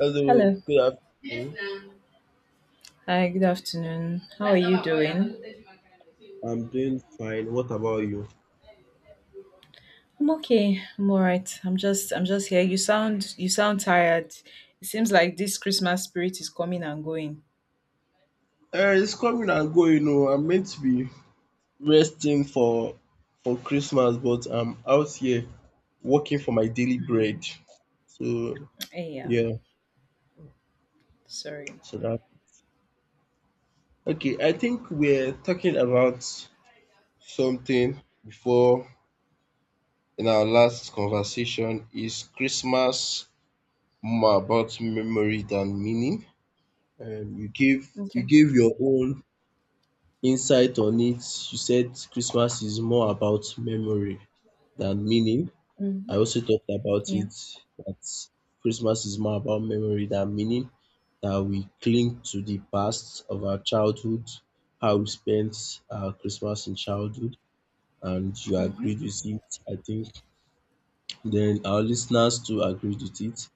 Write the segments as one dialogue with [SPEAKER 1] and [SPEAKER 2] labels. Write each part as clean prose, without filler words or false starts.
[SPEAKER 1] Hello,
[SPEAKER 2] Hello.
[SPEAKER 1] good afternoon.
[SPEAKER 2] Hi, good afternoon. How are you doing?
[SPEAKER 1] I'm doing fine. What about you?
[SPEAKER 2] I'm okay. I'm all right. I'm just here. You sound tired. It seems like this Christmas spirit is coming and going.
[SPEAKER 1] It's coming and going. Oh, I'm meant to be resting for Christmas, but I'm out here working for my daily bread.
[SPEAKER 2] Mm,
[SPEAKER 1] So
[SPEAKER 2] yeah.
[SPEAKER 1] yeah,
[SPEAKER 2] Sorry.
[SPEAKER 1] so that okay. I think we're talking about something before in our last conversation. Is Christmas more about memory than meaning? Um, you gave you
[SPEAKER 2] Okay.
[SPEAKER 1] gave your own insight on it. You said Christmas is more about memory than meaning. I
[SPEAKER 2] Hmm.
[SPEAKER 1] also talked about
[SPEAKER 2] Yeah.
[SPEAKER 1] it that Christmas is more about memory than meaning, that we cling to the past of our childhood, how we spent our Christmas in childhood, and you
[SPEAKER 2] Hmm.
[SPEAKER 1] agreed with it, I think. Then our listeners too agreed with it.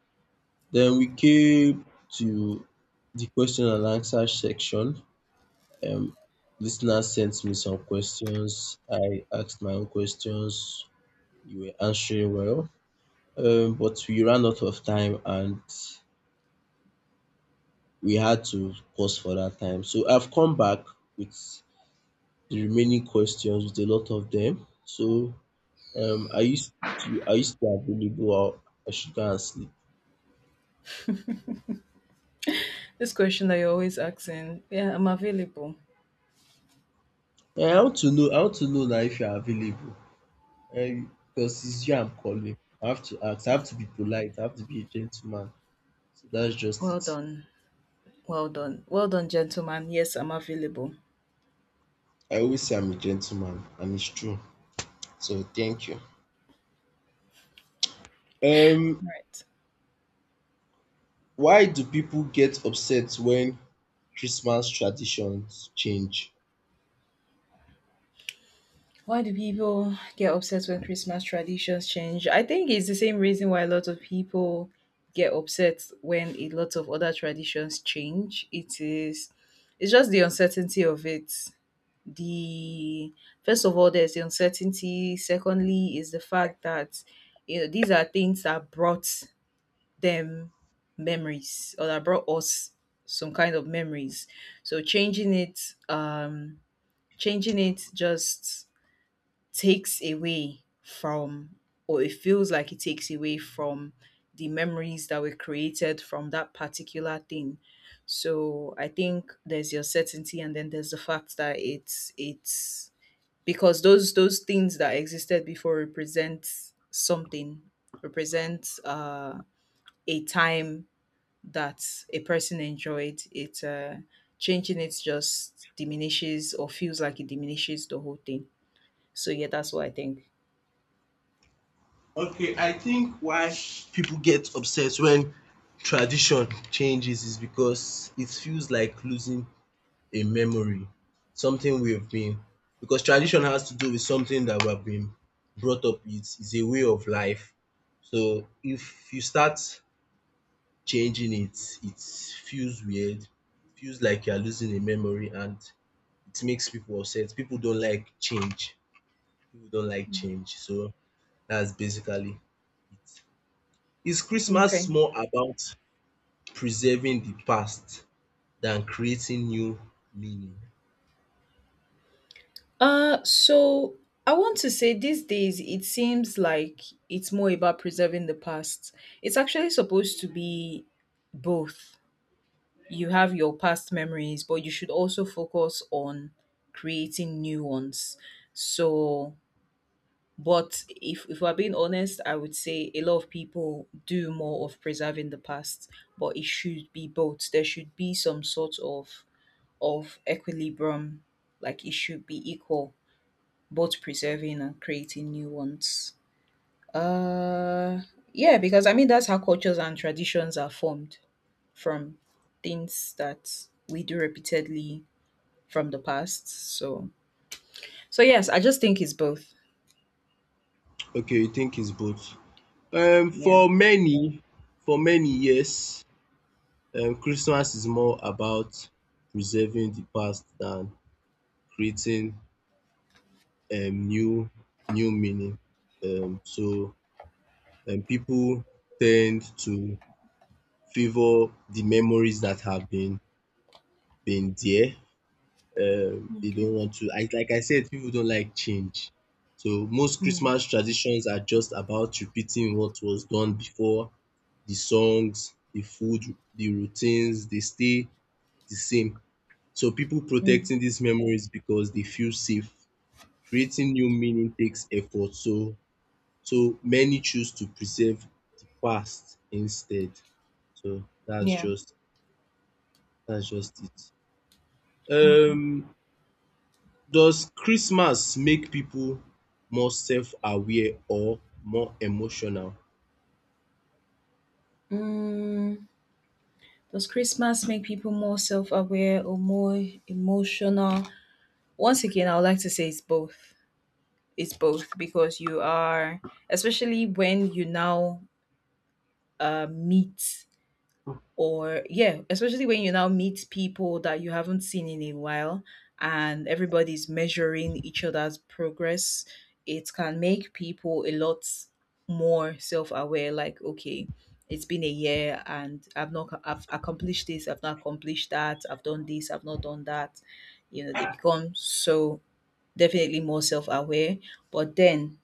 [SPEAKER 1] Then we came to the question and answer section, um listeners sent me some questions. I asked my own questions. You were answering well. But we ran out of time and we had to pause for that time. So I've come back with the remaining questions, with a lot of them. So um are you still are you still available, or I should go and sleep?
[SPEAKER 2] This question that you're always asking. Yeah, I'm available.
[SPEAKER 1] Eh, I want to know, I want to know now if you are available. Because it's you I'm calling. I have to ask, I have to be polite, I have to be a gentleman. So that's just
[SPEAKER 2] Well
[SPEAKER 1] it.
[SPEAKER 2] done. Well done. Well done, gentlemen. Yes, I'm available.
[SPEAKER 1] I always say I'm a gentleman, and it's true. So thank you. Um,
[SPEAKER 2] All right.
[SPEAKER 1] why do people get upset when Christmas traditions change?
[SPEAKER 2] Why do people get upset when Christmas traditions change? I think it's the same reason why a lot of people get upset when a lot of other traditions change. It's just the uncertainty of it. The first of all, there's the uncertainty. Secondly, is the fact that you know, these are things that brought them memories or that brought us some kind of memories. So um, changing it just takes away from or it feels like it takes away from the memories that were created from that particular thing. So I think there's your certainty and then there's the fact that it's because those things that existed before represent something, represent a time that a person enjoyed. It Changing it just diminishes or feels like it diminishes the whole thing. So yeah, that's what I think.
[SPEAKER 1] Okay, I think why people get upset when tradition changes is because it feels like losing a memory, something we've been, because tradition has to do with something that we have been brought up with, is a way of life. So if you start changing it, it feels weird. It feels like you're losing a memory and it makes people upset. People don't like change. People don't like change. So that's basically it. Is Christmas
[SPEAKER 2] Okay.
[SPEAKER 1] more about preserving the past than creating new meaning?
[SPEAKER 2] So I want to say these days it seems like it's more about preserving the past. It's actually supposed to be both. You have your past memories, but you should also focus on creating new ones. So, but if we're being honest, I would say a lot of people do more of preserving the past, but it should be both. There should be some sort of equilibrium, like it should be equal both preserving and creating new ones. Uh, yeah, because I mean that's how cultures and traditions are formed from things that we do repeatedly from the past. So yes, I just think it's both.
[SPEAKER 1] Okay, you think it's both. Um,
[SPEAKER 2] Yeah.
[SPEAKER 1] for many, for many yes, Christmas is more about preserving the past than creating new new meaning. Um, so people tend to favor the memories that have been there. They
[SPEAKER 2] Okay.
[SPEAKER 1] don't want to. Like I said, people don't like change. So most
[SPEAKER 2] Mm,
[SPEAKER 1] Christmas traditions are just about repeating what was done before. The songs, the food, the routines, they stay the same. So people
[SPEAKER 2] mm,
[SPEAKER 1] protecting these memories because they feel safe. Creating new meaning takes effort. So many choose to preserve the past instead. So
[SPEAKER 2] yeah.
[SPEAKER 1] that's just it.
[SPEAKER 2] Okay.
[SPEAKER 1] Does Christmas make people more self-aware or more emotional?
[SPEAKER 2] Mm, does Christmas make people more self aware or more emotional? Once again, I would like to say it's both. It's both because you are, especially when you now meet or yeah, especially when you now meet people that you haven't seen in a while and everybody's measuring each other's progress. It can make people a lot more self-aware, like, okay, it's been a year and I've accomplished this, I've not accomplished that, I've done this, I've not done that, you know, they become so definitely more self-aware. But then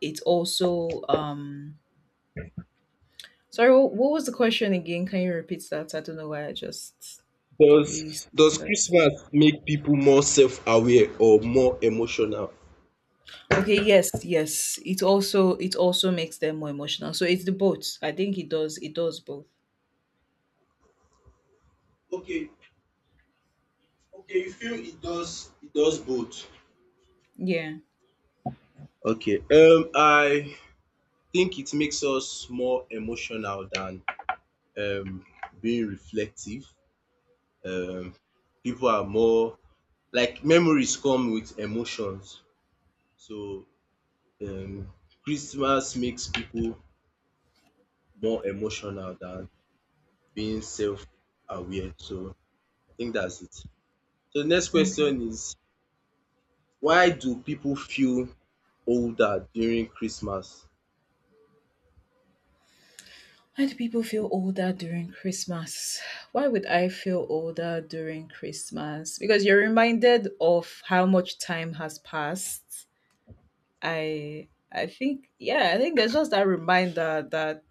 [SPEAKER 2] it also sorry, what was the question again? Can you repeat that? I don't know why I just completely
[SPEAKER 1] Does
[SPEAKER 2] skipped that.
[SPEAKER 1] Christmas make people more self-aware or more emotional?
[SPEAKER 2] Okay, yes, yes. It also makes them more emotional. So it's the both. I think it does both.
[SPEAKER 1] Okay, okay, you feel it does both.
[SPEAKER 2] Yeah.
[SPEAKER 1] Okay, I think it makes us more emotional than um being reflective. um People are more like memories come with emotions. So um Christmas makes people more emotional than being self-aware. So I think that's it. So the next
[SPEAKER 2] Okay.
[SPEAKER 1] question is, why do people feel older during Christmas?
[SPEAKER 2] Why do people feel older during Christmas? Why would I feel older during Christmas? Because you're reminded of how much time has passed. I think yeah, I think there's just that reminder that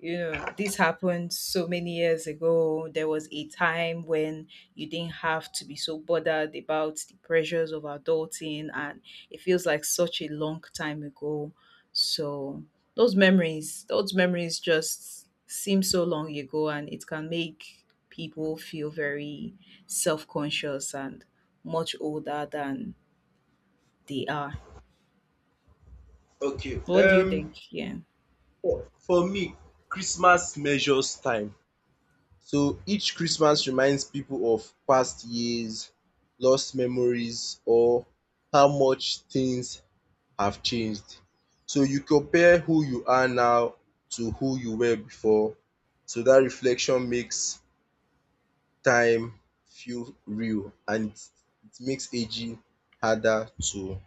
[SPEAKER 2] you know this happened so many years ago. There was a time when you didn't have to be so bothered about the pressures of adulting, and it feels like such a long time ago. So those memories just seem so long ago, and it can make people feel very self-conscious and much older than they are.
[SPEAKER 1] Okay,
[SPEAKER 2] What do you think? Yeah.
[SPEAKER 1] for me, Christmas measures time. So each Christmas reminds people of past years, lost memories, or how much things have changed. So you compare who you are now to who you were before. So that reflection makes time feel real and it makes aging harder to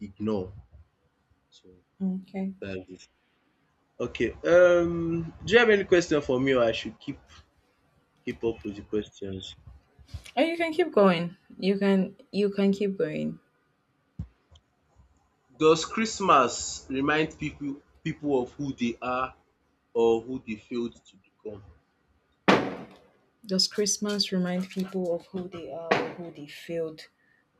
[SPEAKER 1] ignore. So
[SPEAKER 2] Okay.
[SPEAKER 1] that is it. Okay. Do you have any question for me, or I should keep up with the questions?
[SPEAKER 2] Oh, you can keep going. You can keep going.
[SPEAKER 1] Does Christmas remind people of who they are or who they failed to become?
[SPEAKER 2] Does Christmas remind people of who they are or who they failed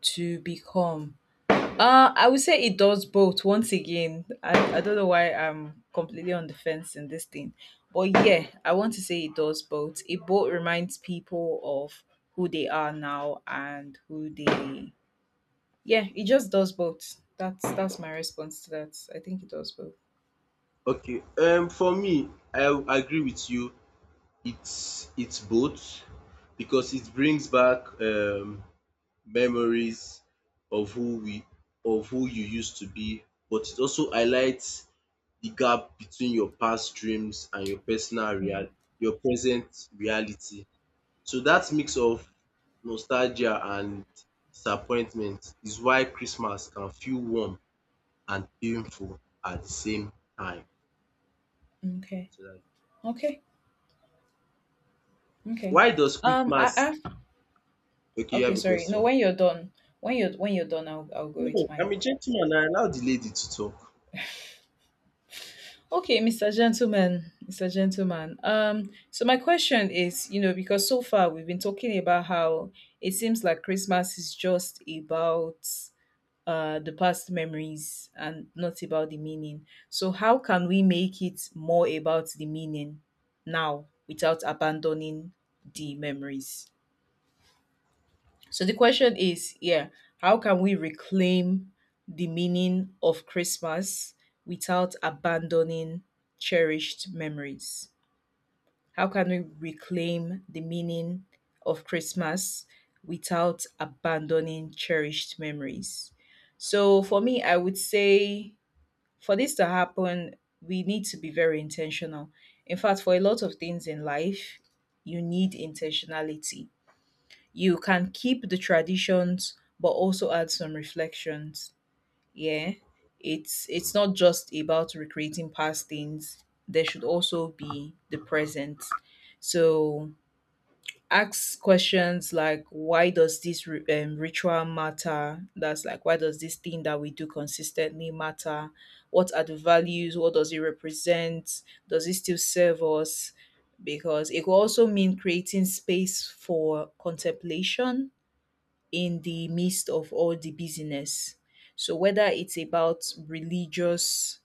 [SPEAKER 2] to become? I would say it does both. Once again, I don't know why I'm completely on the fence in this thing. But yeah, I want to say it does both. It both reminds people of who they are now and who they yeah, it just does both. That's my response to that. I think it does both.
[SPEAKER 1] Okay, for me I agree with you. It's both because it brings back memories of who we of who you used to be, but it also highlights the gap between your past dreams and
[SPEAKER 2] Yeah.
[SPEAKER 1] your present reality. So that mix of nostalgia and disappointment is why Christmas can feel warm and painful at the same time.
[SPEAKER 2] Okay.
[SPEAKER 1] So that
[SPEAKER 2] Okay. Okay.
[SPEAKER 1] why does Christmas—
[SPEAKER 2] I
[SPEAKER 1] okay, you
[SPEAKER 2] Okay,
[SPEAKER 1] have a
[SPEAKER 2] sorry. No,
[SPEAKER 1] question.
[SPEAKER 2] when you're done, when you're done, I'll go
[SPEAKER 1] No,
[SPEAKER 2] with
[SPEAKER 1] I'm a
[SPEAKER 2] mine.
[SPEAKER 1] gentleman, I allow the lady to talk.
[SPEAKER 2] Okay, Mr. Gentleman, Mr. Gentleman. So my question is, you know, because so far we've been talking about how it seems like Christmas is just about the past memories and not about the meaning. So how can we make it more about the meaning now without abandoning the memories? So the question is, yeah, how can we reclaim the meaning of Christmas without abandoning cherished memories? How can we reclaim the meaning of Christmas without abandoning cherished memories? So for me, I would say for this to happen, we need to be very intentional. In fact, for a lot of things in life, you need intentionality. You can keep the traditions but also add some reflections. Yeah, it's not just about recreating past things, there should also be the present. So ask questions like, why does this ritual matter? That's like, why does this thing that we do consistently matter? What are the values? What does it represent? Does it still serve us? Because it could also mean creating space for contemplation in the midst of all the busyness. So whether it's about religious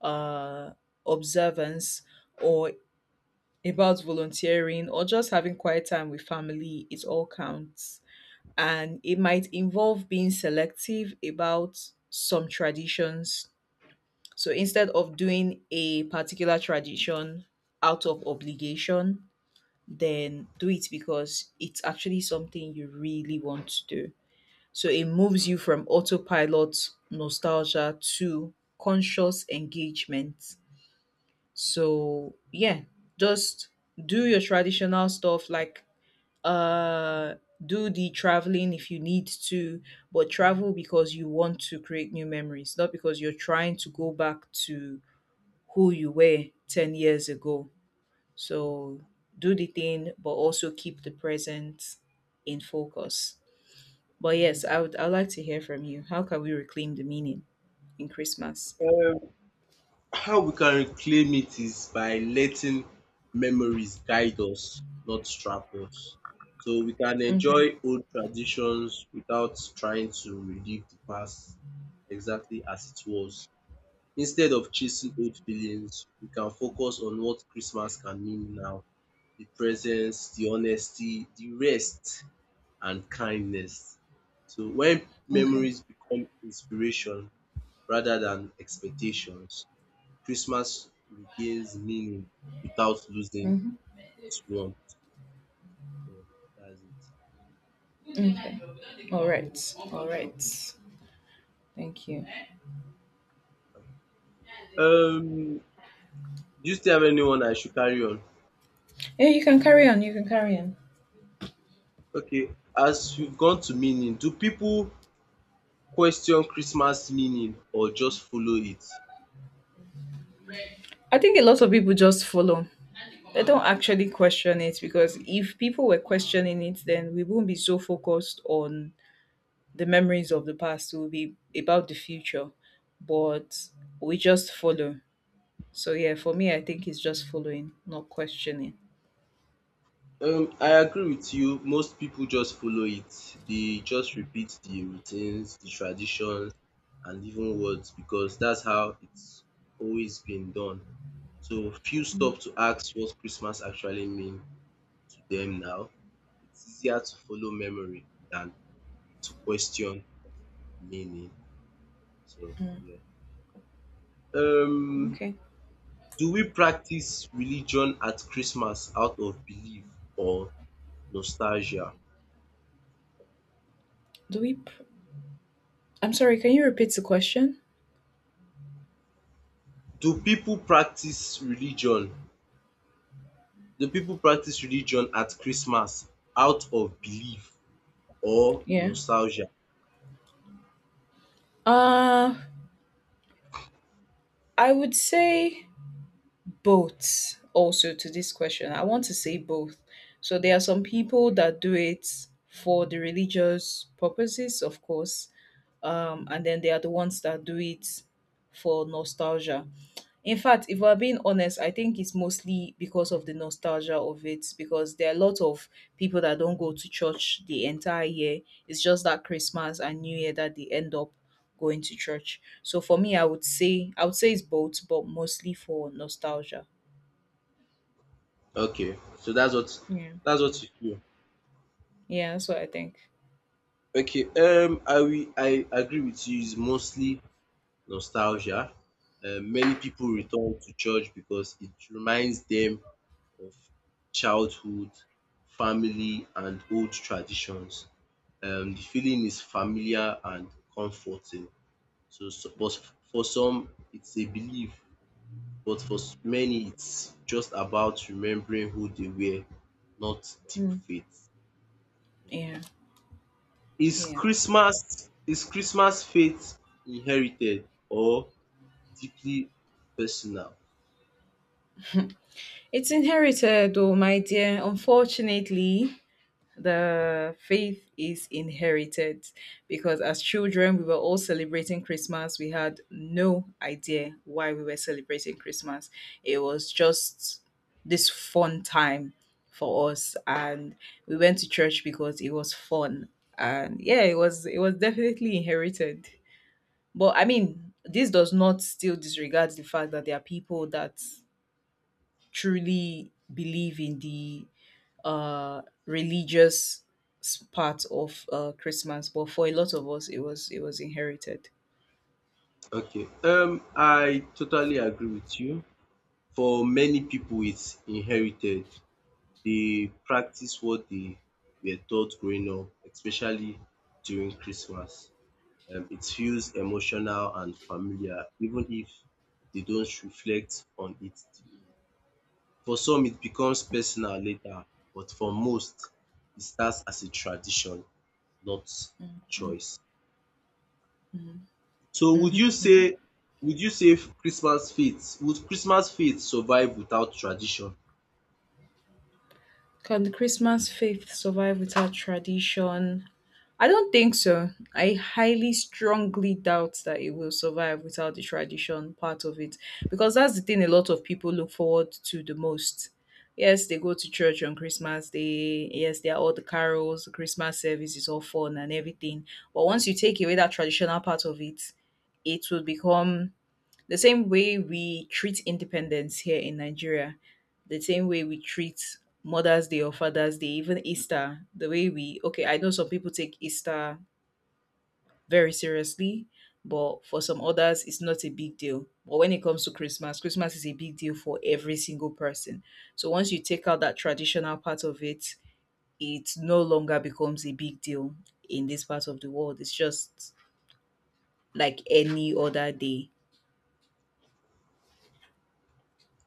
[SPEAKER 2] uh, observance or about volunteering or just having quiet time with family, it all counts. And it might involve being selective about some traditions. So instead of doing a particular tradition out of obligation, then do it because it's actually something you really want to do. So it moves you from autopilot nostalgia to conscious engagement. So yeah, just do your traditional stuff, like uh do the traveling if you need to, but travel because you want to create new memories, not because you're trying to go back to who you were 10 years ago. So do the thing, but also keep the present in focus. But yes, I would like to hear from you. How can we reclaim the meaning in Christmas?
[SPEAKER 1] How we can reclaim it is by letting memories guide us, not trap us. So we can
[SPEAKER 2] Okay.
[SPEAKER 1] enjoy old traditions without trying to relive the past exactly as it was. Instead of chasing old feelings, we can focus on what Christmas can mean now: the presence, the honesty, the rest, and kindness. So when
[SPEAKER 2] Okay.
[SPEAKER 1] memories become inspiration rather than expectations, Christmas regains meaning without losing
[SPEAKER 2] Hmm.
[SPEAKER 1] its warmth. So that's it.
[SPEAKER 2] Okay. All right. All right. Thank you.
[SPEAKER 1] Um, do you still have anyone I should carry on?
[SPEAKER 2] Yeah, you can carry on. You can carry on.
[SPEAKER 1] Okay, as we've gone to meaning, do people question Christmas meaning or just follow it?
[SPEAKER 2] I think a lot of people just follow. They don't actually question it, because if people were questioning it, then we won't be so focused on the memories of the past. It will be about the future. But we just follow. So yeah, for me, I think it's just following, not questioning.
[SPEAKER 1] I agree with you. Most people just follow it. They just repeat the routines, the traditions, and even words because that's how it's always been done. So few stop to ask what Christmas actually means to them now. It's easier to follow memory than to question meaning. So yeah. Um,
[SPEAKER 2] Okay.
[SPEAKER 1] do we practice religion at Christmas out of belief or nostalgia?
[SPEAKER 2] Do we I'm sorry, can you repeat the question?
[SPEAKER 1] Do people practice religion do people practice religion at Christmas out of belief or
[SPEAKER 2] Yeah.
[SPEAKER 1] nostalgia?
[SPEAKER 2] Uh I would say both also to this question. I want to say both. So there are some people that do it for the religious purposes, of course, and then they are the ones that do it for nostalgia. In fact, if we're being honest, I think it's mostly because of the nostalgia of it, because there are a lot of people that don't go to church the entire year. It's just that Christmas and New Year that they end up going to church. So for me, I would say it's both, but mostly for nostalgia.
[SPEAKER 1] Okay, so
[SPEAKER 2] Yeah.
[SPEAKER 1] that's what you feel.
[SPEAKER 2] Yeah, that's what I think.
[SPEAKER 1] Okay, I will— I agree with you, it's mostly nostalgia. Many people return to church because it reminds them of childhood, family and old traditions. The feeling is familiar and comforting. But for some it's a belief, but for many it's just about remembering who they were, not deep
[SPEAKER 2] Mm.
[SPEAKER 1] faith.
[SPEAKER 2] Yeah. Yeah.
[SPEAKER 1] Is Christmas faith inherited or deeply personal?
[SPEAKER 2] It's inherited though, my dear, unfortunately. The faith is inherited because as children we were all celebrating Christmas. We had no idea why we were celebrating Christmas. It was just this fun time for us, and we went to church because it was fun. And yeah, it was definitely inherited. But I mean, this does not still disregard the fact that there are people that truly believe in the religious part of Christmas, but for a lot of us it was inherited.
[SPEAKER 1] Okay. I totally agree with you. For many people it's inherited. They practice what they were taught growing up, especially during Christmas. It feels emotional and familiar, even if they don't reflect on it deeply. For some, it becomes personal later, but for most, it starts as a tradition, not
[SPEAKER 2] Mm-hmm.
[SPEAKER 1] choice. So, would you
[SPEAKER 2] Hmm.
[SPEAKER 1] say, would you say Christmas faith— would Christmas faith survive without tradition?
[SPEAKER 2] Can the Christmas faith survive without tradition? I don't think so. I highly strongly doubt that it will survive without the tradition part of it, because that's the thing a lot of people look forward to the most. Yes, they go to church on Christmas Day. Yes, there are all the carols, the Christmas service is all fun and everything. But once you take away that traditional part of it, it will become the same way we treat independence here in Nigeria, the same way we treat Mother's Day or Father's Day, even Easter, the way we, okay, I know some people take Easter very seriously, but for some others, it's not a big deal. But when it comes to Christmas, Christmas is a big deal for every single person. So once you take out that traditional part of it, it no longer becomes a big deal in this part of the world. It's just like any other day.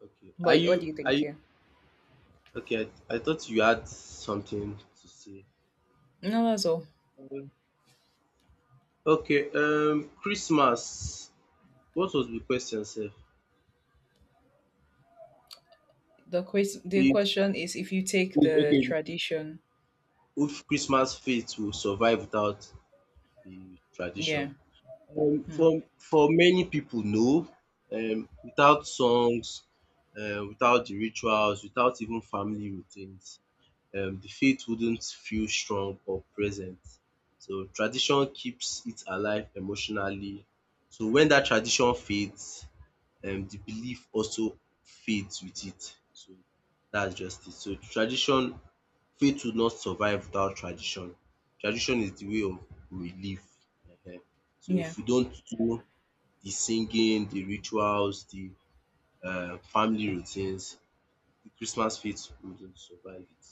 [SPEAKER 1] Okay. Are
[SPEAKER 2] But what
[SPEAKER 1] you—
[SPEAKER 2] do you
[SPEAKER 1] are
[SPEAKER 2] think
[SPEAKER 1] you
[SPEAKER 2] here?
[SPEAKER 1] okay? I thought you had something to say more.
[SPEAKER 2] No, that's all.
[SPEAKER 1] Okay. Christmas. What was the question, sir?
[SPEAKER 2] The ques the
[SPEAKER 1] It,
[SPEAKER 2] question is if you take the
[SPEAKER 1] okay.
[SPEAKER 2] tradition
[SPEAKER 1] If Christmas faith will survive without the tradition.
[SPEAKER 2] yeah,
[SPEAKER 1] For
[SPEAKER 2] mm,
[SPEAKER 1] many people, no, without songs, without the rituals, without even family routines, the faith wouldn't feel strong or present. So tradition keeps it alive emotionally. So when that tradition fades, the belief also fades with it. So that's just it. So tradition Faith will not survive without tradition. Tradition is the way of we live. um So if
[SPEAKER 2] yeah.
[SPEAKER 1] we don't do the singing, the rituals, the family routines, the Christmas faith wouldn't survive it.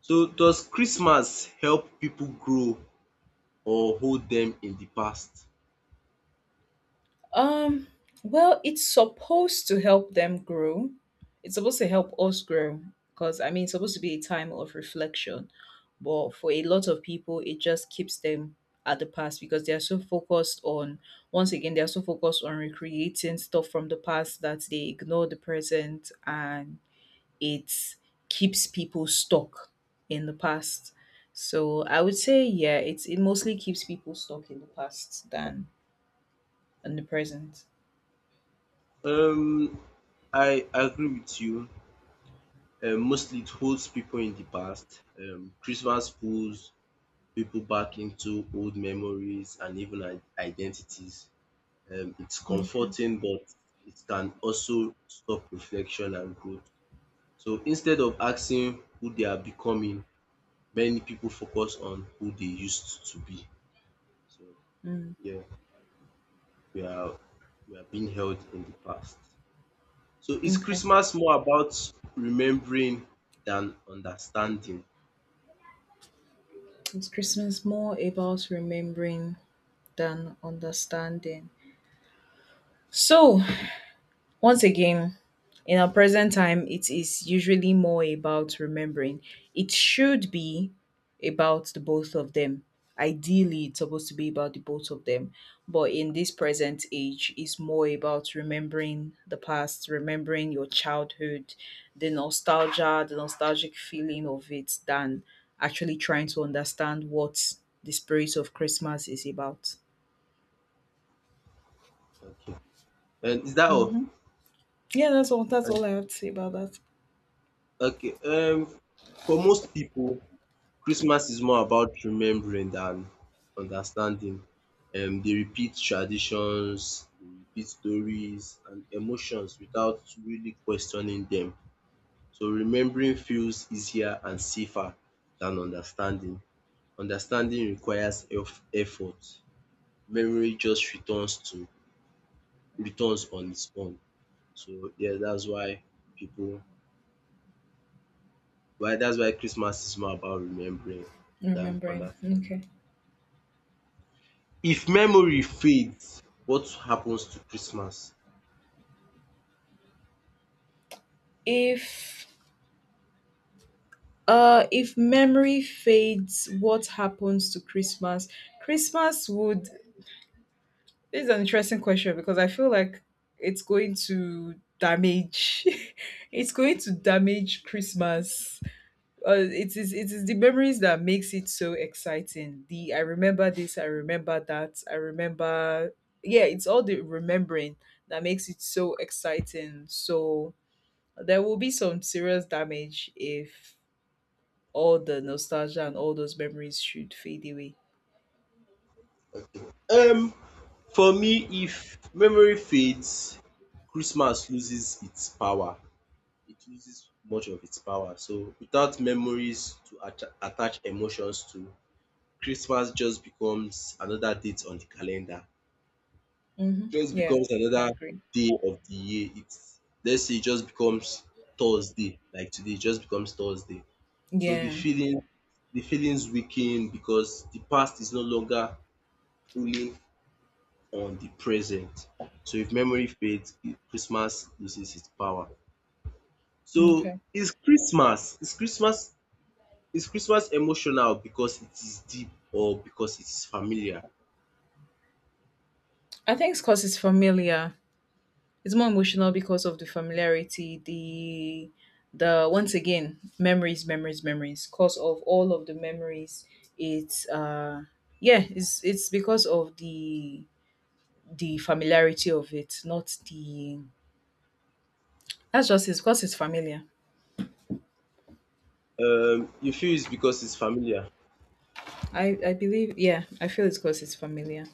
[SPEAKER 1] So does Christmas help people grow or hold them in the past?
[SPEAKER 2] Um, well, it's supposed to help them grow. It's supposed to help us grow because I mean, it's supposed to be a time of reflection. But for a lot of people, it just keeps them at the past because they are so focused on, once again, they are so focused on recreating stuff from the past that they ignore the present and it keeps people stuck in the past. So I would say, yeah, it mostly keeps people stuck in the past than in the present.
[SPEAKER 1] Um I agree with you. Mostly it holds people in the past. Christmas pulls people back into old memories and even identities. It's
[SPEAKER 2] Okay.
[SPEAKER 1] comforting, but it can also stop reflection and growth. So instead of asking who they are becoming, many people focus on who they used to be. So
[SPEAKER 2] Mm.
[SPEAKER 1] yeah, we are we are being held in the past. So is
[SPEAKER 2] Okay.
[SPEAKER 1] Christmas more about remembering than understanding?
[SPEAKER 2] It's Christmas more about remembering than understanding? So Once again, in our present time, it is usually more about remembering. It should be about the both of them. Ideally, it's supposed to be about the both of them. But in this present age, it's more about remembering the past, remembering your childhood, the nostalgia, the nostalgic feeling of it, than actually trying to understand what the spirit of Christmas is about.
[SPEAKER 1] Okay, and is that all?
[SPEAKER 2] hmm Yeah, that's all. That's
[SPEAKER 1] Um,
[SPEAKER 2] all I have to say about that.
[SPEAKER 1] Okay, um, for most people, Christmas is more about remembering than understanding. They repeat traditions, they repeat stories and emotions without really questioning them. So remembering feels easier and safer than understanding. Understanding requires effort, memory just returns on its own. So yeah, that's why people, that's why Christmas is more about remembering than
[SPEAKER 2] Remembering.
[SPEAKER 1] understanding.
[SPEAKER 2] Okay.
[SPEAKER 1] If memory fades, what happens to Christmas?
[SPEAKER 2] If if memory fades, what happens to Christmas? Christmas would, this is an interesting question because I feel like it's going to damage, it's going to damage Christmas. It is the memories that makes it so exciting. The I remember this, I remember that, I remember, yeah, it's all the remembering that makes it so exciting. So there will be some serious damage if all the nostalgia and all those memories should fade away.
[SPEAKER 1] Okay. Um, for me, if memory fades, Christmas loses its power. It loses much of its power. So without memories to attach emotions to, Christmas just becomes another date on the calendar. It
[SPEAKER 2] Mm-hmm.
[SPEAKER 1] just
[SPEAKER 2] Yeah,
[SPEAKER 1] becomes
[SPEAKER 2] I
[SPEAKER 1] another
[SPEAKER 2] agree.
[SPEAKER 1] day of the year. It's— let's say it just becomes Thursday, like today, it just becomes Thursday. So
[SPEAKER 2] Yeah.
[SPEAKER 1] the feelings weaken because the past is no longer pulling on the present. So if memory fades, Christmas loses its power. So
[SPEAKER 2] Okay.
[SPEAKER 1] is Christmas is Christmas emotional because it is deep or because it is familiar?
[SPEAKER 2] I think it's because it's familiar. It's more emotional because of the familiarity, the once again, memories, memories, memories. Cause of all of the memories, it's yeah, it's because of the familiarity of it, not the, that's just it's because it's familiar.
[SPEAKER 1] You feel it's because it's familiar.
[SPEAKER 2] I believe, yeah, I feel it's because it's familiar.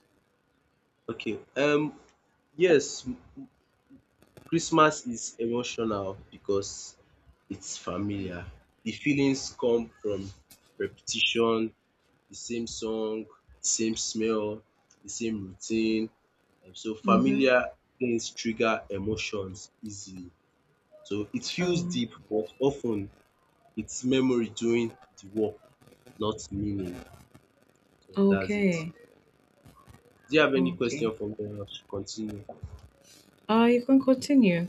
[SPEAKER 1] Okay. Yes, Christmas is emotional because it's familiar. The feelings come from repetition, the same song, the same smell, the same routine. So
[SPEAKER 2] Mm-hmm.
[SPEAKER 1] familiar things trigger emotions easily. So it feels
[SPEAKER 2] Oh.
[SPEAKER 1] deep, but often it's memory doing the work, not meaning. So that's it.
[SPEAKER 2] Okay.
[SPEAKER 1] Do you have any
[SPEAKER 2] Okay.
[SPEAKER 1] question for me? I should continue.
[SPEAKER 2] You can continue.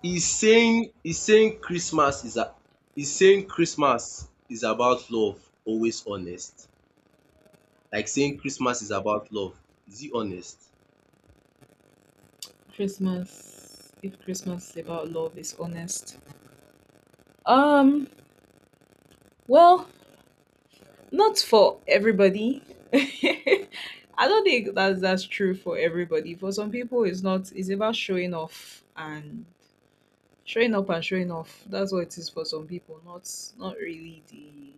[SPEAKER 1] He's saying Christmas is a— he's saying Christmas is about love, always honest. Like, saying Christmas is about love. Is he honest?
[SPEAKER 2] Christmas, if Christmas is about love, is honest. Um, well, not for everybody. I don't think that's true for everybody. For some people, it's not. It's about showing off and showing up and showing off. That's what it is for some people. Not, not really the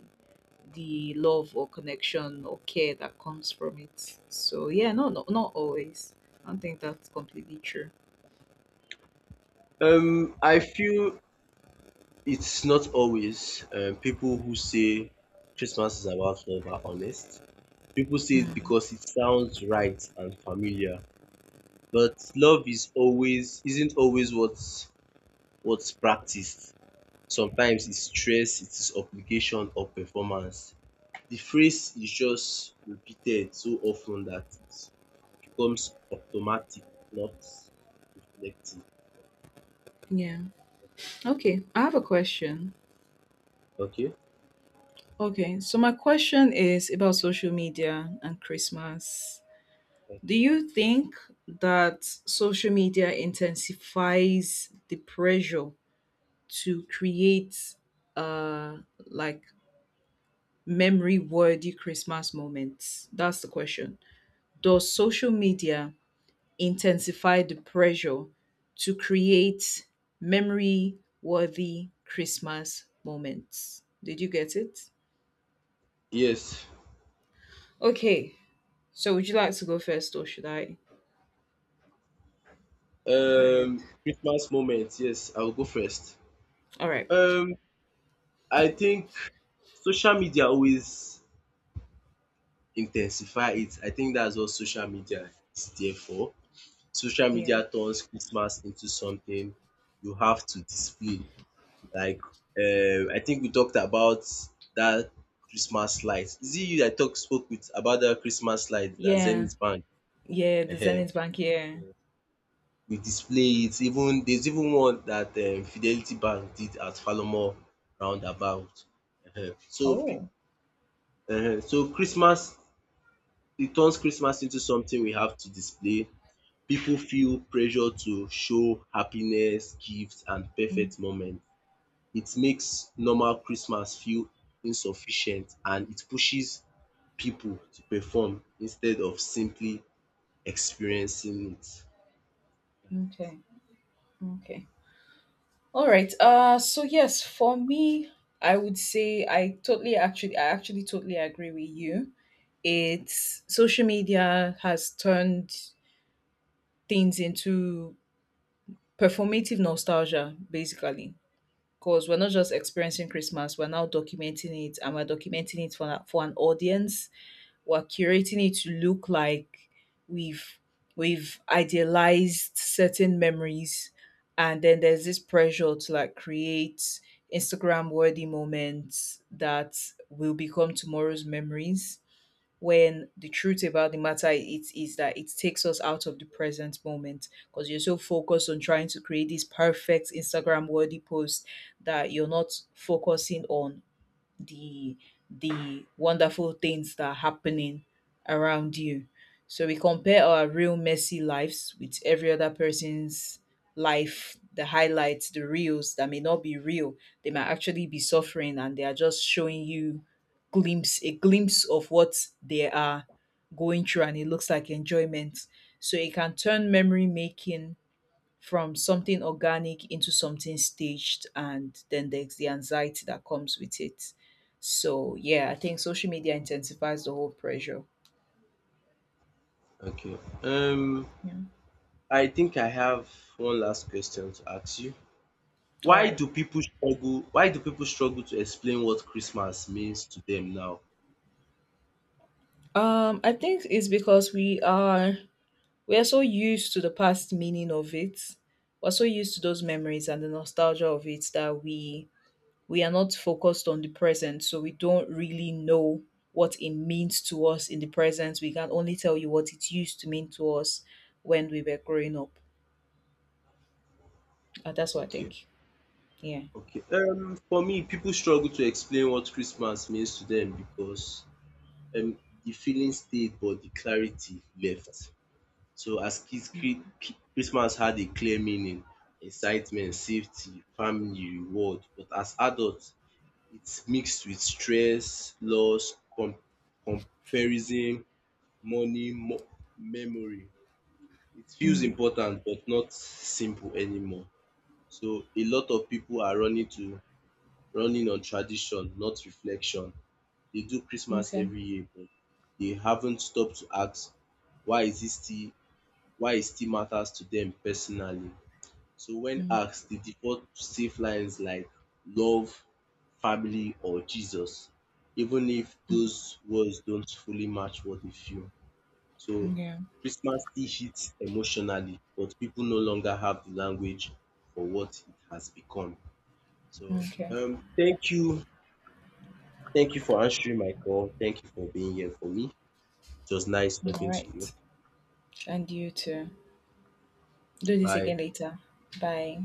[SPEAKER 2] the love or connection or care that comes from it. So yeah, no, no, not always. I don't think that's completely true.
[SPEAKER 1] I feel it's not always. People who say Christmas is about love are honest. People say it
[SPEAKER 2] Hmm.
[SPEAKER 1] because it sounds right and familiar, but love is always isn't always what's practiced. Sometimes it's stress, it is obligation or performance. The phrase is just repeated so often that it becomes automatic, not reflective.
[SPEAKER 2] Yeah. Okay, I have a question.
[SPEAKER 1] Okay.
[SPEAKER 2] Okay, so my question is about social media and Christmas. Do
[SPEAKER 1] Okay.
[SPEAKER 2] you think that social media intensifies the pressure to create uh like memory worthy Christmas moments? That's the question. Does social media intensify the pressure to create memory worthy Christmas moments? Did you get it?
[SPEAKER 1] Yes.
[SPEAKER 2] Okay, so would you like to go first or should I go ahead?
[SPEAKER 1] Christmas moment. Yes, I'll go first.
[SPEAKER 2] All right.
[SPEAKER 1] Um, I think social media always intensify it. I think that's what social media is there for. Social
[SPEAKER 2] Yeah.
[SPEAKER 1] media turns Christmas into something you have to display. Like, I think we talked about that Christmas light. Is it you that talk spoke with about that Christmas light that
[SPEAKER 2] Yeah.
[SPEAKER 1] Zenith Bank?
[SPEAKER 2] Yeah, the
[SPEAKER 1] uh
[SPEAKER 2] Zenith Bank, yeah.
[SPEAKER 1] We display it. Even there's even one that Fidelity Bank did at Falomo roundabout. um So, pe-
[SPEAKER 2] Oh.
[SPEAKER 1] so Christmas— it turns Christmas into something we have to display. People feel pressure to show happiness, gifts, and
[SPEAKER 2] Mm.
[SPEAKER 1] perfect moments. It makes normal Christmas feel insufficient, and it pushes people to perform instead of simply experiencing it.
[SPEAKER 2] Okay. Okay. All right. So yes, for me, I would say I actually totally agree with you. It's social media has turned things into performative nostalgia, basically. Because we're not just experiencing Christmas, we're now documenting it and we're documenting it for an audience. We're curating it to look like we've we've idealized certain memories, and then there's this pressure to like create Instagram worthy moments that will become tomorrow's memories, when the truth about the matter it is that it takes us out of the present moment because you're so focused on trying to create this perfect Instagram worthy post that you're not focusing on the the wonderful things that are happening around you. So we compare our real messy lives with every other person's life, the highlights, the reels that may not be real. They might actually be suffering and they are just showing you glimpse a glimpse of what they are going through, and it looks like enjoyment. So it can turn memory making from something organic into something staged, and then there's the anxiety that comes with it. So yeah, I think social media intensifies the whole pressure.
[SPEAKER 1] Okay. Um,
[SPEAKER 2] Yeah.
[SPEAKER 1] I think I have one last question to ask you.
[SPEAKER 2] All
[SPEAKER 1] Why
[SPEAKER 2] right.
[SPEAKER 1] do people struggle— why do people struggle to explain what Christmas means to them now?
[SPEAKER 2] I think it's because we are so used to the past meaning of it. We're so used to those memories and the nostalgia of it that we are not focused on the present, so we don't really know what it means to us in the present. We can only tell you what it used to mean to us when we were growing up. That's what I
[SPEAKER 1] Okay.
[SPEAKER 2] think. Yeah.
[SPEAKER 1] Okay. For me, people struggle to explain what Christmas means to them because um, the feeling stayed, but the clarity left. So, as kids, Christmas had a clear meaning: excitement, safety, family, reward. But as adults, it's mixed with stress, loss, comparison, money, memory. It feels
[SPEAKER 2] Mm,
[SPEAKER 1] important, but not simple anymore. So, a lot of people are running on tradition, not reflection. They do Christmas
[SPEAKER 2] okay.
[SPEAKER 1] every year, but they haven't stopped to ask, why is it still why it still matters to them personally. So when
[SPEAKER 2] Mm,
[SPEAKER 1] asked, they default to safe lines like love, family, or Jesus, even if those words don't fully match what they feel. So
[SPEAKER 2] yeah.
[SPEAKER 1] Christmas still hits emotionally, but people no longer have the language for what it has become. So
[SPEAKER 2] Okay.
[SPEAKER 1] thank you. Thank you for answering my call. Thank you for being here for me. It was nice
[SPEAKER 2] All
[SPEAKER 1] talking to
[SPEAKER 2] right.
[SPEAKER 1] you.
[SPEAKER 2] And you too. Do this
[SPEAKER 1] Bye.
[SPEAKER 2] again later. Bye.